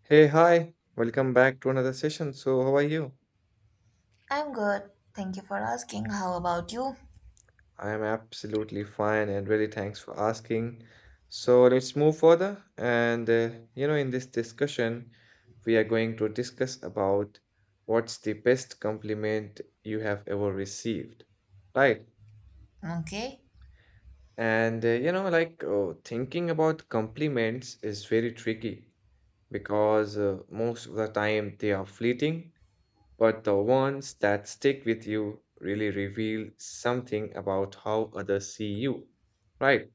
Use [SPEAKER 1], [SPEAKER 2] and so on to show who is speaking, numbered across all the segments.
[SPEAKER 1] Hey, hi, welcome back to another session. So, how are you?
[SPEAKER 2] I'm good. Thank you for asking. How about you?
[SPEAKER 1] I am absolutely fine and really thanks for asking. So, let's move further. And in this discussion, we are going to discuss about what's the best compliment you have ever received, right?
[SPEAKER 2] Okay.
[SPEAKER 1] And thinking about compliments is very tricky because most of the time they are fleeting, but the ones that stick with you really reveal something about how others see you, right?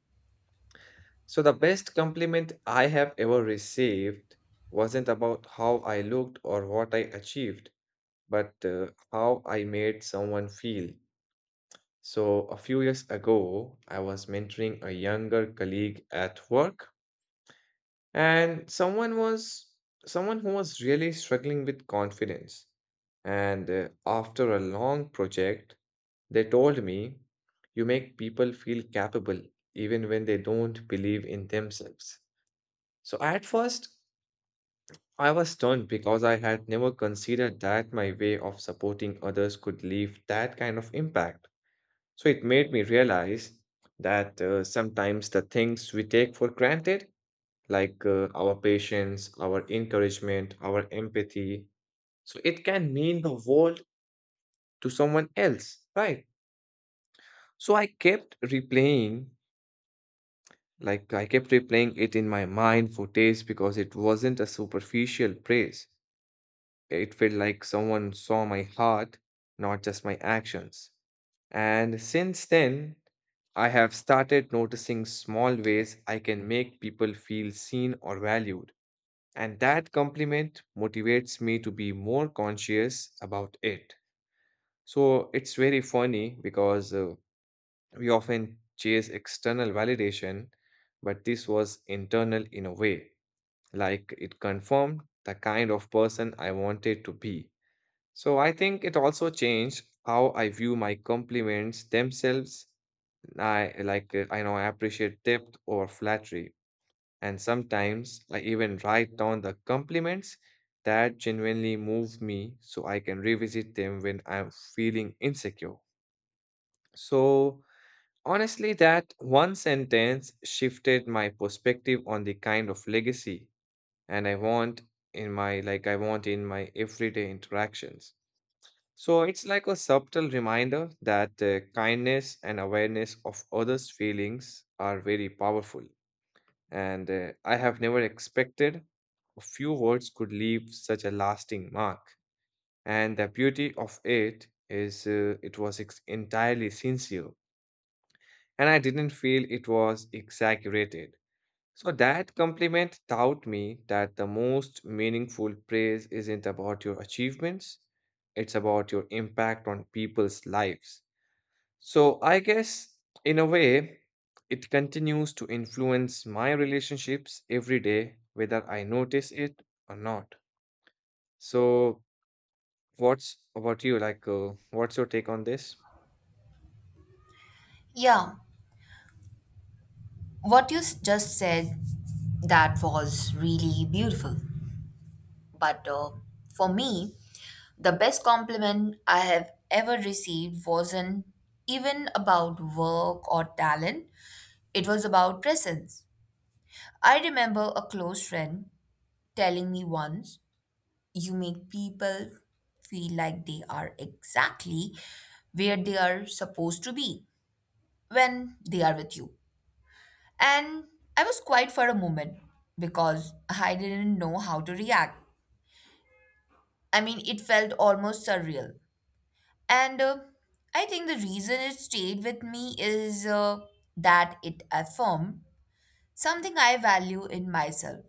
[SPEAKER 1] So, the best compliment I have ever received wasn't about how I looked or what I achieved, but how I made someone feel. So, a few years ago, I was mentoring a younger colleague at work, and someone who was really struggling with confidence. And after a long project, they told me, "You make people feel capable even when they don't believe in themselves." So at first, I was stunned because I had never considered that my way of supporting others could leave that kind of impact. So it made me realize that sometimes the things we take for granted, like our patience, our encouragement, our empathy, so it can mean the world to someone else, right? So I kept replaying it in my mind for days because it wasn't a superficial praise. It felt like someone saw my heart, not just my actions. And since then, I have started noticing small ways I can make people feel seen or valued. And that compliment motivates me to be more conscious about it. So it's very funny because we often chase external validation, but this was internal in a way. Like it confirmed the kind of person I wanted to be. So I think it also changed how I view my compliments themselves. I know I appreciate depth over flattery. And sometimes I even write down the compliments that genuinely move me so I can revisit them when I'm feeling insecure. So, honestly, that one sentence shifted my perspective on the kind of legacy and I want in my like I want in my everyday interactions. So it's like a subtle reminder that kindness and awareness of others' feelings are very powerful. And I have never expected a few words could leave such a lasting mark. And the beauty of it is it was entirely sincere and I didn't feel it was exaggerated. So that compliment taught me that the most meaningful praise isn't about your achievements, it's about your impact on people's lives. So I guess, in a way, it continues to influence my relationships every day, whether I notice it or not. So, what's about you? What's your take on this?
[SPEAKER 2] Yeah, what you just said, that was really beautiful. But for me, the best compliment I have ever received wasn't even about work or talent, it was about presence. I remember a close friend telling me once, "You make people feel like they are exactly where they are supposed to be when they are with you." And I was quiet for a moment because I didn't know how to react. I mean, it felt almost surreal. And I think the reason it stayed with me is that it affirmed something I value in myself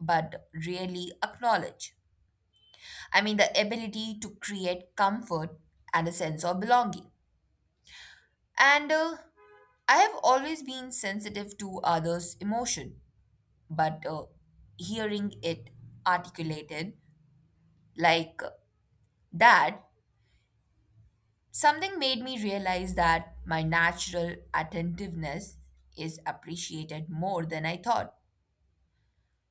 [SPEAKER 2] but really acknowledge. I mean, the ability to create comfort and a sense of belonging. And I have always been sensitive to others' emotion but hearing it articulated like that, something made me realize that my natural attentiveness is appreciated more than I thought.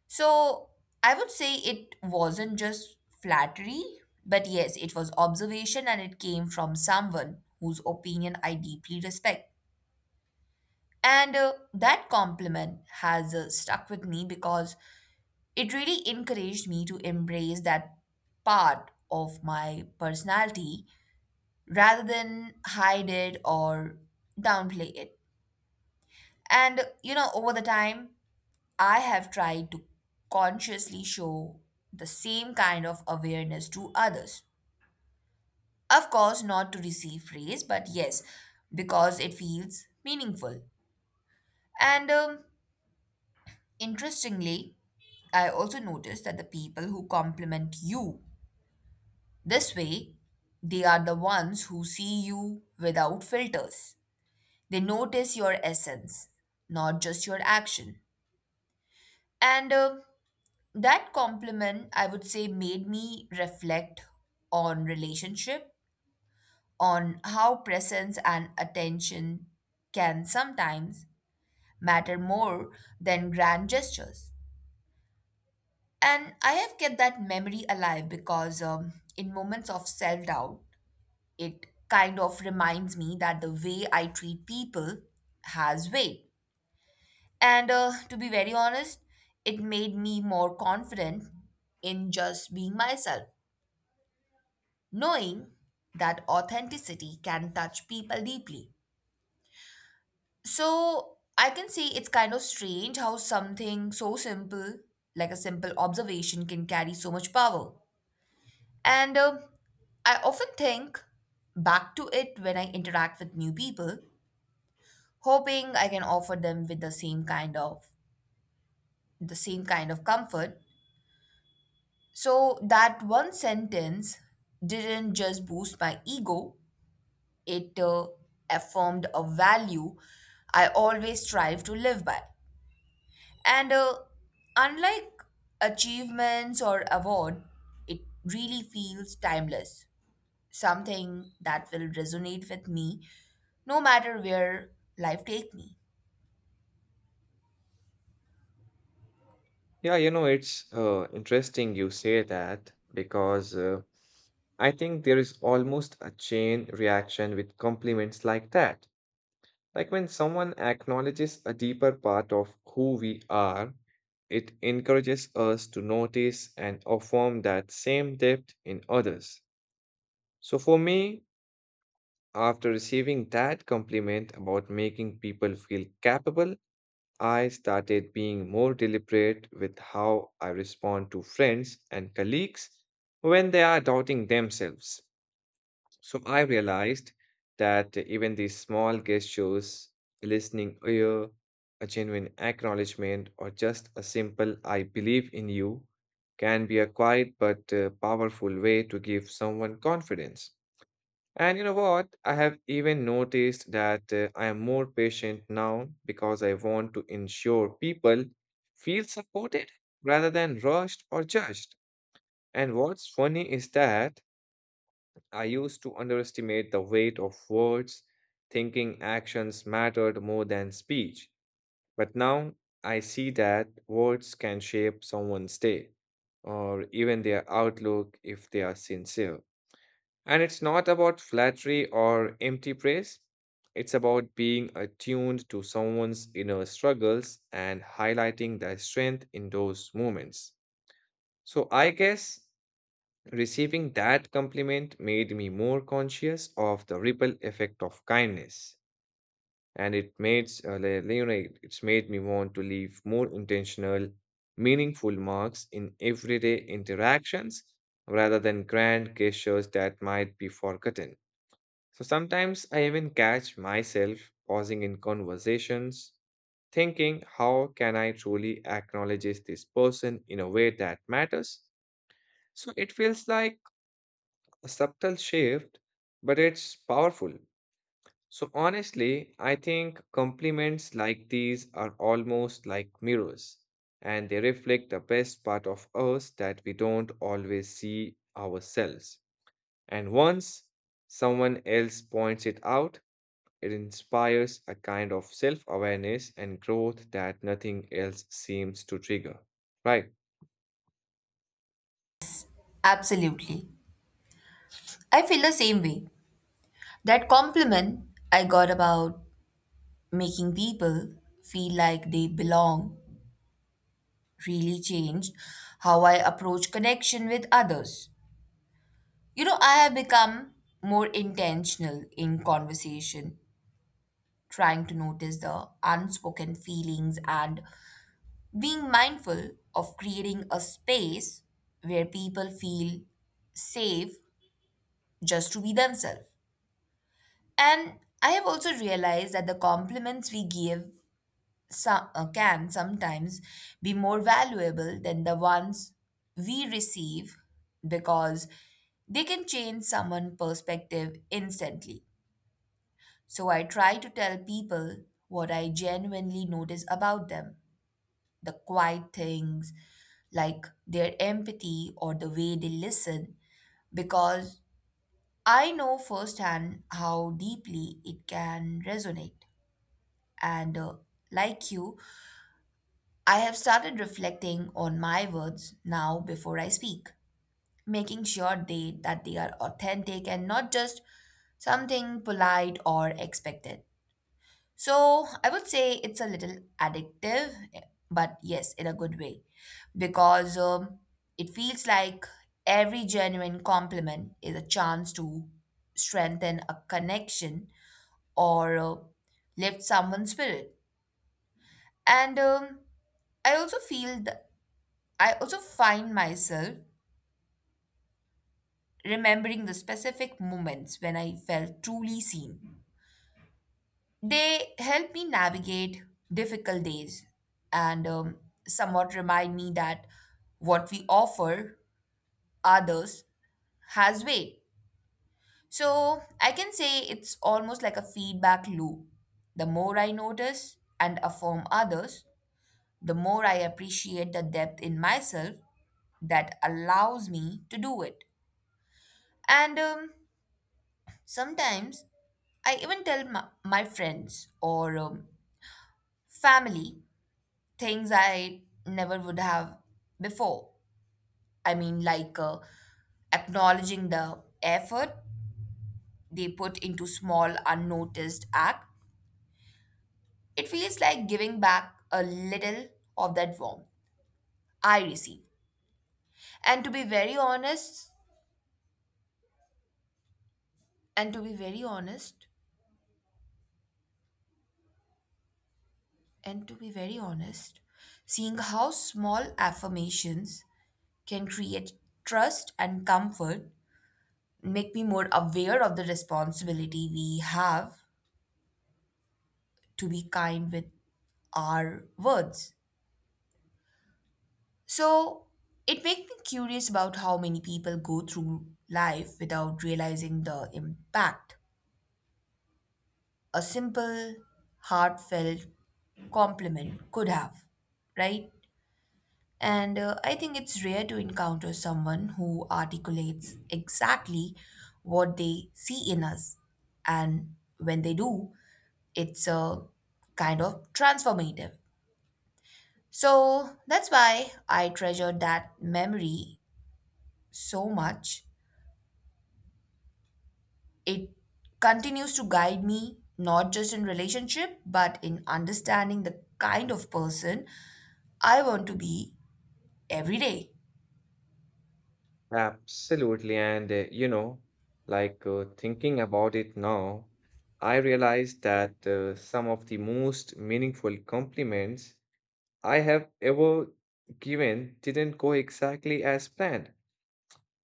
[SPEAKER 2] So I would say it wasn't just flattery, but yes, it was observation and it came from someone whose opinion I deeply respect. And that compliment has stuck with me because it really encouraged me to embrace that part of my personality rather than hide it or downplay it. And you know, over the time, I have tried to consciously show the same kind of awareness to others. Of course, not to receive praise, but yes, because it feels meaningful. And interestingly, I also noticed that the people who compliment you this way, they are the ones who see you without filters. They notice your essence, not just your action. And that compliment, I would say, made me reflect on relationship, on how presence and attention can sometimes matter more than grand gestures. And I have kept that memory alive because in moments of self doubt, it kind of reminds me that the way I treat people has weight. And to be very honest, it made me more confident in just being myself, knowing that authenticity can touch people deeply. So I can say it's kind of strange how something so simple, like a simple observation, can carry so much power. And I often think back to it when I interact with new people hoping I can offer them with the same kind of comfort. So that one sentence didn't just boost my ego, it affirmed a value I always strive to live by. And unlike achievements or award, it really feels timeless, something that will resonate with me no matter where life take me.
[SPEAKER 1] Yeah, you know, it's interesting you say that because I think there is almost a chain reaction with compliments like that. Like when someone acknowledges a deeper part of who we are, it encourages us to notice and affirm that same depth in others. So for me, after receiving that compliment about making people feel capable, I started being more deliberate with how I respond to friends and colleagues when they are doubting themselves. So I realized that even these small gestures, a listening ear, a genuine acknowledgement, or just a simple "I believe in you" can be a quiet but powerful way to give someone confidence. And you know what? I have even noticed that I am more patient now because I want to ensure people feel supported rather than rushed or judged. And what's funny is that I used to underestimate the weight of words, thinking actions mattered more than speech. But now I see that words can shape someone's day or even their outlook if they are sincere. And it's not about flattery or empty praise, it's about being attuned to someone's inner struggles and highlighting their strength in those moments. So I guess receiving that compliment made me more conscious of the ripple effect of kindness, and it made s- li- li- you know it- it's made me want to leave more intentional, meaningful marks in everyday interactions rather than grand gestures that might be forgotten. So sometimes I even catch myself pausing in conversations, thinking, how can I truly acknowledge this person in a way that matters? So it feels like a subtle shift, but it's powerful. So, honestly, I think compliments like these are almost like mirrors, and they reflect the best part of us that we don't always see ourselves. And once someone else points it out, it inspires a kind of self awareness and growth that nothing else seems to trigger. Right.
[SPEAKER 2] Absolutely. I feel the same way. That compliment I got about making people feel like they belong really changed how I approach connection with others. You know, I have become more intentional in conversation, trying to notice the unspoken feelings and being mindful of creating a space where people feel safe just to be themselves. And I have also realized that the compliments we give can sometimes be more valuable than the ones we receive because they can change someone's perspective instantly. So I try to tell people what I genuinely notice about them, the quiet things, like their empathy or the way they listen, because I know firsthand how deeply it can resonate. And like you, I have started reflecting on my words now before I speak, making sure they that they are authentic and not just something polite or expected. So, I would say it's a little addictive, but yes, in a good way, because it feels like every genuine compliment is a chance to strengthen a connection or lift someone's spirit. And I also feel th- I also find myself remembering the specific moments when I felt truly seen. They help me navigate difficult days and somewhat remind me that what we offer others has weight. So I can say it's almost like a feedback loop. The more I notice and affirm others, the more I appreciate the depth in myself that allows me to do it. And sometimes I even tell my friends or family things I never would have before. I mean, acknowledging the effort they put into small, unnoticed act. It feels like giving back a little of that warmth I receive. And to be very honest, and to be very honest, and to be very honest, seeing how small affirmations can create trust and comfort make me more aware of the responsibility we have to be kind with our words. So it makes me curious about how many people go through life without realizing the impact a simple, heartfelt compliment could have, right? And I think it's rare to encounter someone who articulates exactly what they see in us. And when they do, it's a kind of transformative. So that's why I treasure that memory so much. It continues to guide me not just in relationship but in understanding the kind of person I want to be every day.
[SPEAKER 1] Absolutely. And thinking about it now, I realize that some of the most meaningful compliments I have ever given didn't go exactly as planned.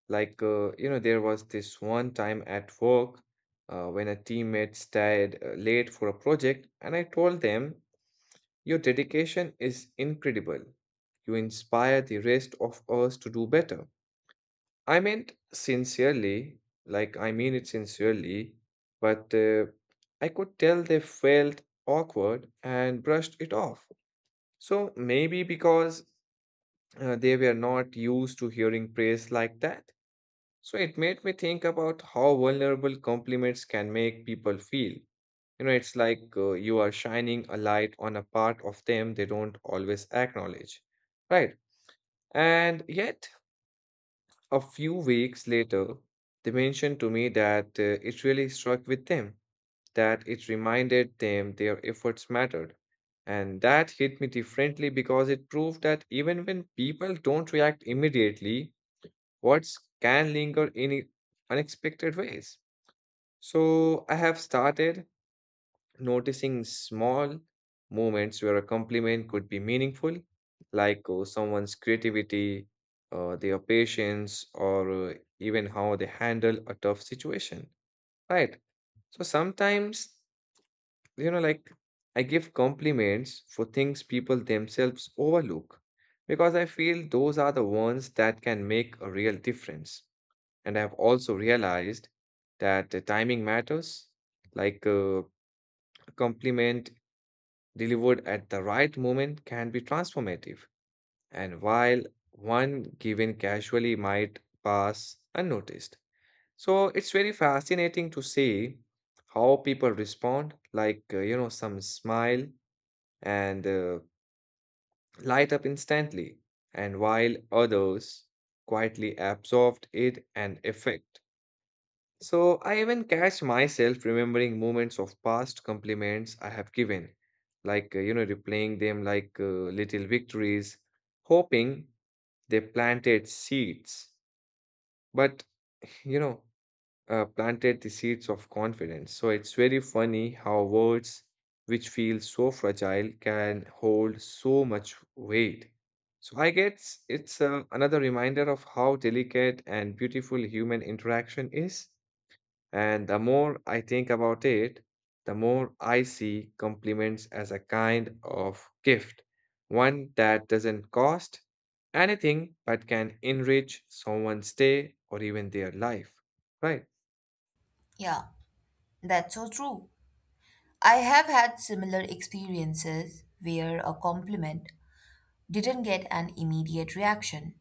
[SPEAKER 1] There was this one time at work when a teammate stayed late for a project, and I told them, "Your dedication is incredible. You inspire the rest of us to do better." I meant sincerely, I mean it sincerely, but I could tell they felt awkward and brushed it off. So maybe because they were not used to hearing praise like that. So it made me think about how vulnerable compliments can make people feel. You know, it's like you are shining a light on a part of them they don't always acknowledge. Right. And yet, a few weeks later, they mentioned to me that it really struck with them, that it reminded them their efforts mattered. And that hit me differently because it proved that even when people don't react immediately, words can linger in unexpected ways. So I have started noticing small moments where a compliment could be meaningful, like someone's creativity, their patience, or even how they handle a tough situation, right? So sometimes, you know, like I give compliments for things people themselves overlook because I feel those are the ones that can make a real difference. And I've also realized that the timing matters. Like a compliment delivered at the right moment can be transformative. And while one given casually might pass unnoticed. So it's very fascinating to see how people respond, like, some smile and light up instantly, and while others quietly absorbed it and effect. So I even catch myself remembering moments of past compliments I have given, like, replaying them like little victories, hoping they planted seeds. But, you know, planted the seeds of confidence. So it's very funny how words which feel so fragile can hold so much weight. So I guess it's another reminder of how delicate and beautiful human interaction is. And the more I think about it, the more I see compliments as a kind of gift, one that doesn't cost anything but can enrich someone's day or even their life. Right?
[SPEAKER 2] Yeah, that's so true. I have had similar experiences where a compliment didn't get an immediate reaction,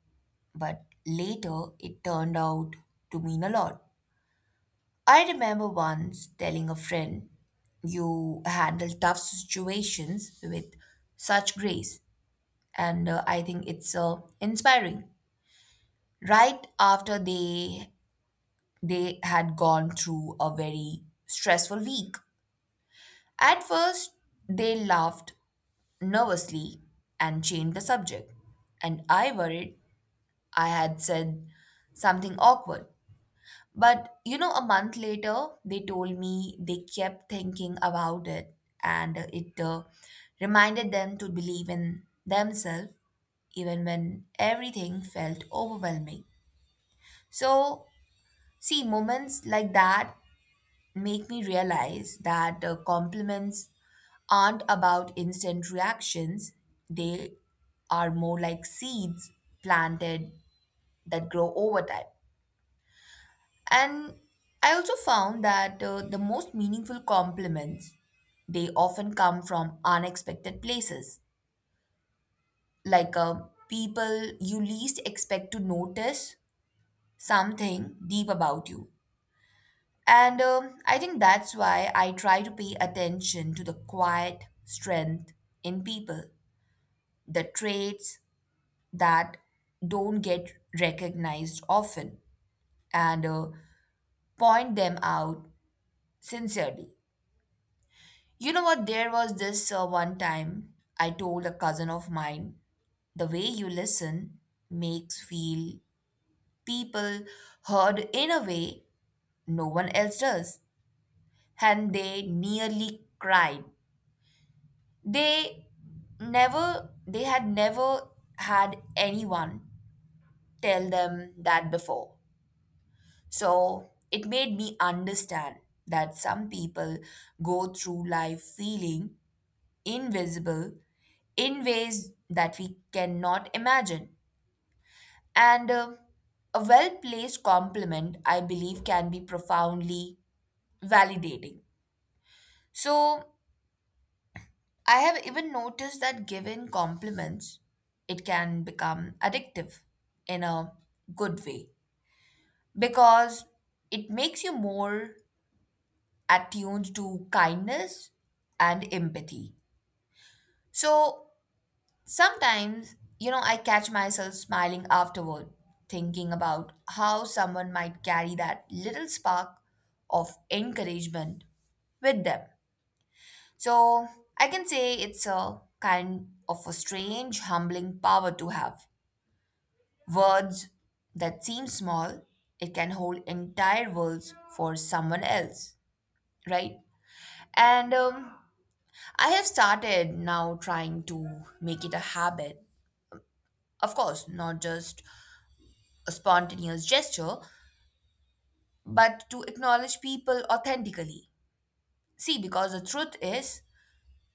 [SPEAKER 2] but later it turned out to mean a lot. I remember once telling a friend, "You handle tough situations with such grace. And I think it's inspiring." Right after they had gone through a very stressful week. At first, they laughed nervously and changed the subject. And I worried I had said something awkward. But you know, a month later, they told me they kept thinking about it and it reminded them to believe in themselves even when everything felt overwhelming. So, see, moments like that make me realize that compliments aren't about instant reactions, they are more like seeds planted that grow over time. And I also found that the most meaningful compliments they often come from unexpected places, like people you least expect to notice something deep about you. And I think that's why I try to pay attention to the quiet strength in people, the traits that don't get recognized often, and point them out sincerely. You know what? There was this one time I told a cousin of mine, "The way you listen makes feel people heard in a way no one else does." And they nearly cried. They they had never had anyone tell them that before. So it made me understand that some people go through life feeling invisible in ways that we cannot imagine. And a well placed compliment, I believe, can be profoundly validating. So, I have even noticed that given compliments, it can become addictive in a good way because it makes you more attuned to kindness and empathy. So, sometimes, you know, I catch myself smiling afterward, thinking about how someone might carry that little spark of encouragement with them. So, I can say it's a kind of a strange, humbling power to have. Words that seem small, it can hold entire worlds for someone else, right? And I have started now trying to make it a habit. Of course, not just a spontaneous gesture, but to acknowledge people authentically. See, because the truth is,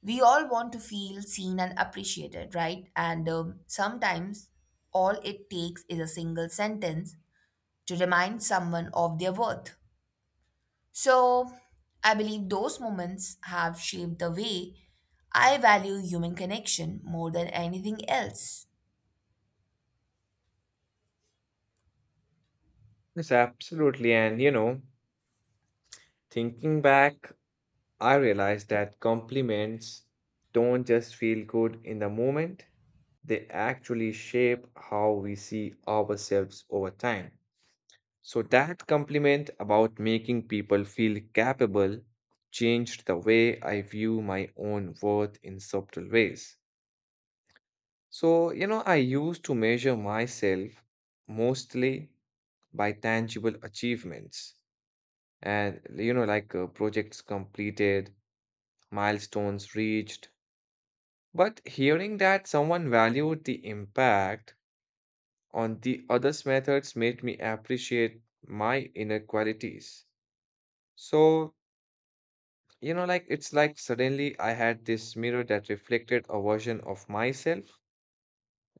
[SPEAKER 2] we all want to feel seen and appreciated, right? And sometimes all it takes is a single sentence to remind someone of their worth. So, I believe those moments have shaped the way I value human connection more than anything else.
[SPEAKER 1] Yes, absolutely. And you know, thinking back, I realized that compliments don't just feel good in the moment, they actually shape how we see ourselves over time. So that compliment about making people feel capable changed the way I view my own worth in subtle ways. So, you know, I used to measure myself mostly by tangible achievements and, you know, like projects completed, milestones reached. But hearing that someone valued the impact on the others' methods made me appreciate my inner qualities. So, you know, like it's like suddenly I had this mirror that reflected a version of myself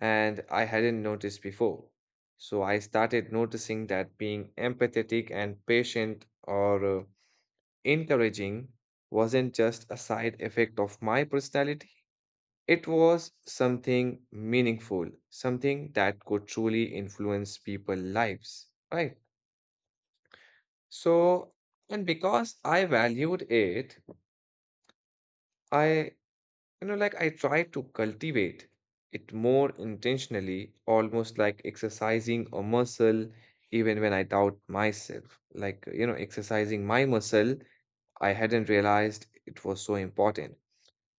[SPEAKER 1] and I hadn't noticed before. So I started noticing that being empathetic and patient or encouraging wasn't just a side effect of my personality. It was something meaningful, something that could truly influence people's lives, right? So, and because I valued it, I You know, like I try to cultivate it more intentionally, almost like exercising a muscle, even when I doubt myself. Like, you know, exercising my muscle, I hadn't realized it was so important.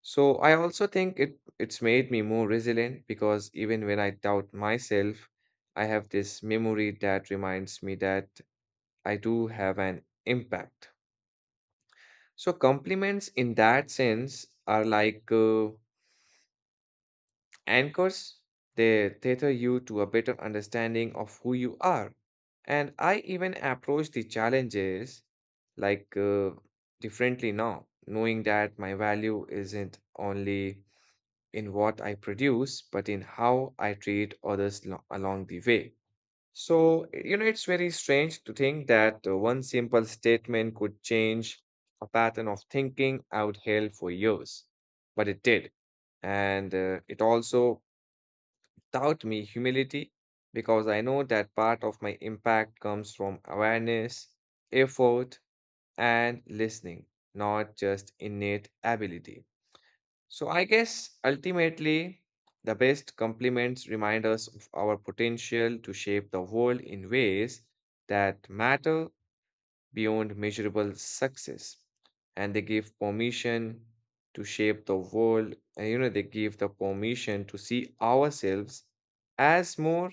[SPEAKER 1] So I also think it's made me more resilient because even when I doubt myself, I have this memory that reminds me that I do have an impact. So compliments in that sense are like anchors, they tether you to a better understanding of who you are. And I even approach the challenges like differently now, knowing that my value isn't only in what I produce, but in how I treat others along the way. So, you know, it's very strange to think that one simple statement could change a pattern of thinking I would held for years, but it did. And it also taught me humility because I know that part of my impact comes from awareness, effort, and listening, not just innate ability. So I guess ultimately, the best compliments remind us of our potential to shape the world in ways that matter beyond measurable success. And they give permission to shape the world, and you know, they give the permission to see ourselves as more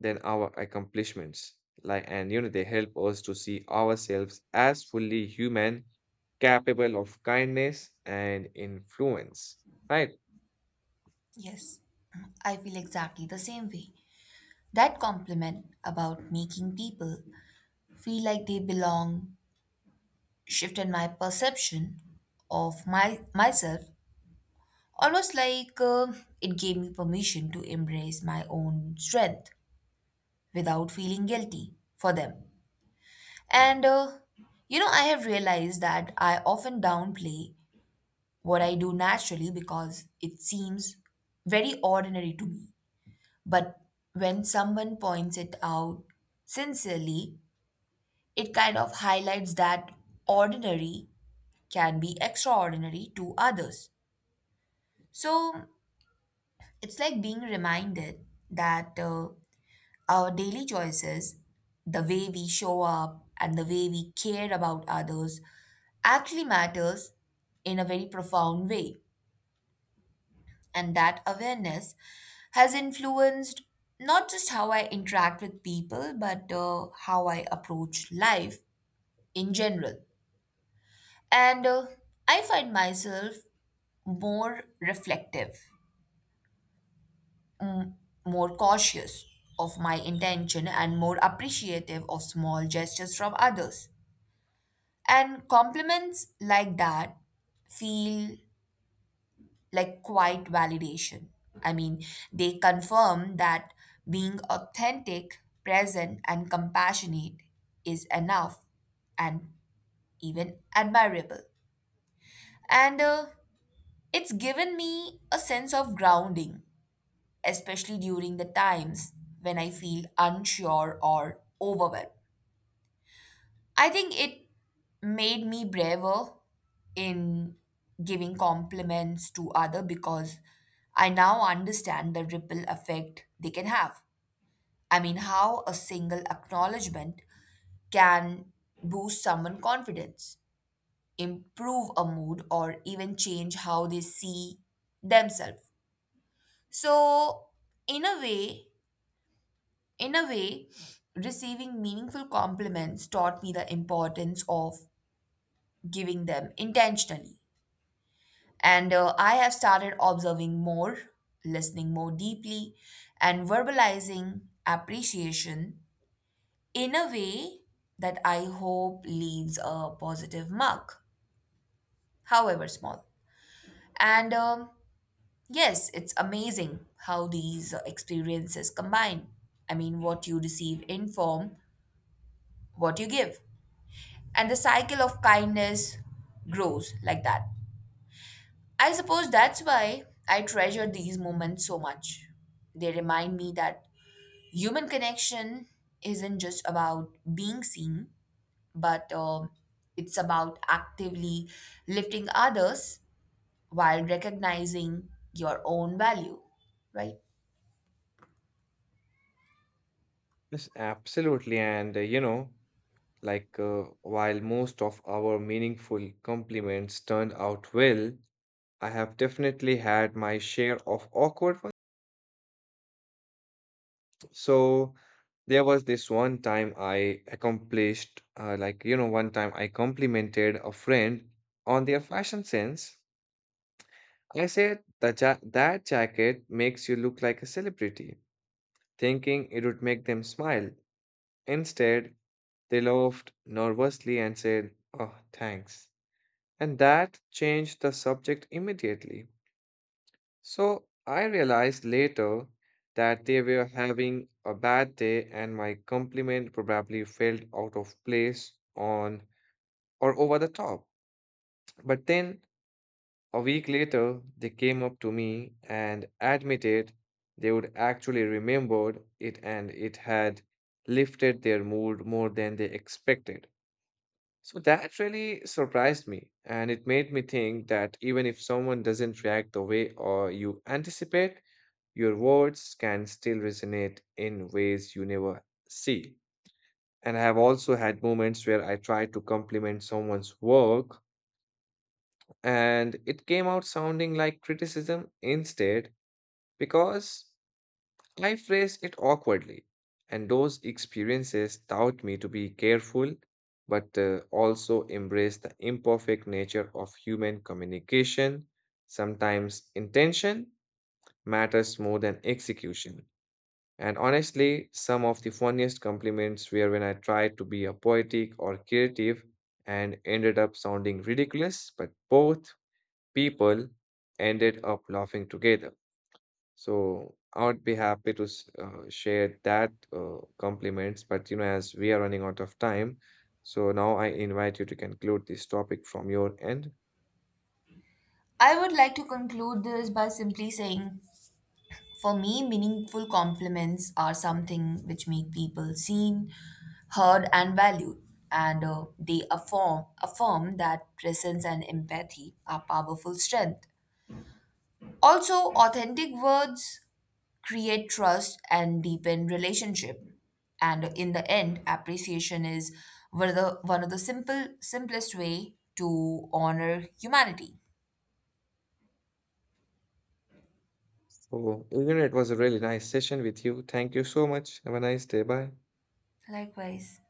[SPEAKER 1] than our accomplishments. Like, and you know, they help us to see ourselves as fully human, capable of kindness and influence. Right?
[SPEAKER 2] Yes. I feel exactly the same way. That compliment about making people feel like they belong shifted my perception of my myself almost like it gave me permission to embrace my own strength without feeling guilty for them and you know I have realized that I often downplay what I do naturally because it seems very ordinary to me but when someone points it out sincerely it kind of highlights that ordinary can be extraordinary to others. So it's like being reminded that our daily choices, the way we show up and the way we care about others, actually matters in a very profound way. And that awareness has influenced not just how I interact with people, but how I approach life in general. And I find myself more reflective, mm, more cautious of my intention and more appreciative of small gestures from others. And compliments like that feel like quiet validation. I mean, they confirm that being authentic, present, and compassionate is enough and even admirable. And it's given me a sense of grounding especially during the times when I feel unsure or overwhelmed. I think it made me braver in giving compliments to other because I now understand the ripple effect they can have. I mean, how a single acknowledgement can boost someone's confidence, improve a mood, or even change how they see themselves. So, in a way, in a way, receiving meaningful compliments taught me the importance of giving them intentionally. And I have started observing more, listening more deeply, and verbalizing appreciation in a way that I hope leaves a positive mark, however small. And yes, it's amazing how these experiences combine. I mean, what you receive inform what you give, and the cycle of kindness grows like that. I suppose that's why I treasure these moments so much. They remind me that human connection isn't just about being seen, but it's about actively lifting others while recognizing your own value, right?
[SPEAKER 1] Yes, absolutely. And you know, like while most of our meaningful compliments turned out well, I have definitely had my share of awkward ones. So there was this one time I accomplished, like, you know, one time I complimented a friend on their fashion sense. I said, "the that jacket makes you look like a celebrity," thinking it would make them smile. Instead, they laughed nervously and said, "Oh, thanks." And that changed the subject immediately. So I realized later that they were having a bad day and my compliment probably felt out of place on or over the top. But then a week later they came up to me and admitted they would actually remembered it and it had lifted their mood more than they expected. So that really surprised me and it made me think that even if someone doesn't react the way or you anticipate your words can still resonate in ways you never see. And I have also had moments where I tried to compliment someone's work and it came out sounding like criticism instead because I phrased it awkwardly. And those experiences taught me to be careful but also embrace the imperfect nature of human communication. Sometimes intention matters more than execution. And honestly, some of the funniest compliments were when I tried to be a poetic or creative and ended up sounding ridiculous, but both people ended up laughing together. So I would be happy to share that compliments, but you know, as we are running out of time, so now I invite you to conclude this topic from your end.
[SPEAKER 2] I would like to conclude this by simply saying, for me, meaningful compliments are something which make people seen, heard, and valued, and they affirm affirm that presence and empathy are powerful strength. Also, authentic words create trust and deepen relationship. And in the end, appreciation is one of the one of the simplest way to honor humanity.
[SPEAKER 1] So, you know, it was a really nice session with you. Thank you so much. Have a nice day. Bye.
[SPEAKER 2] Likewise.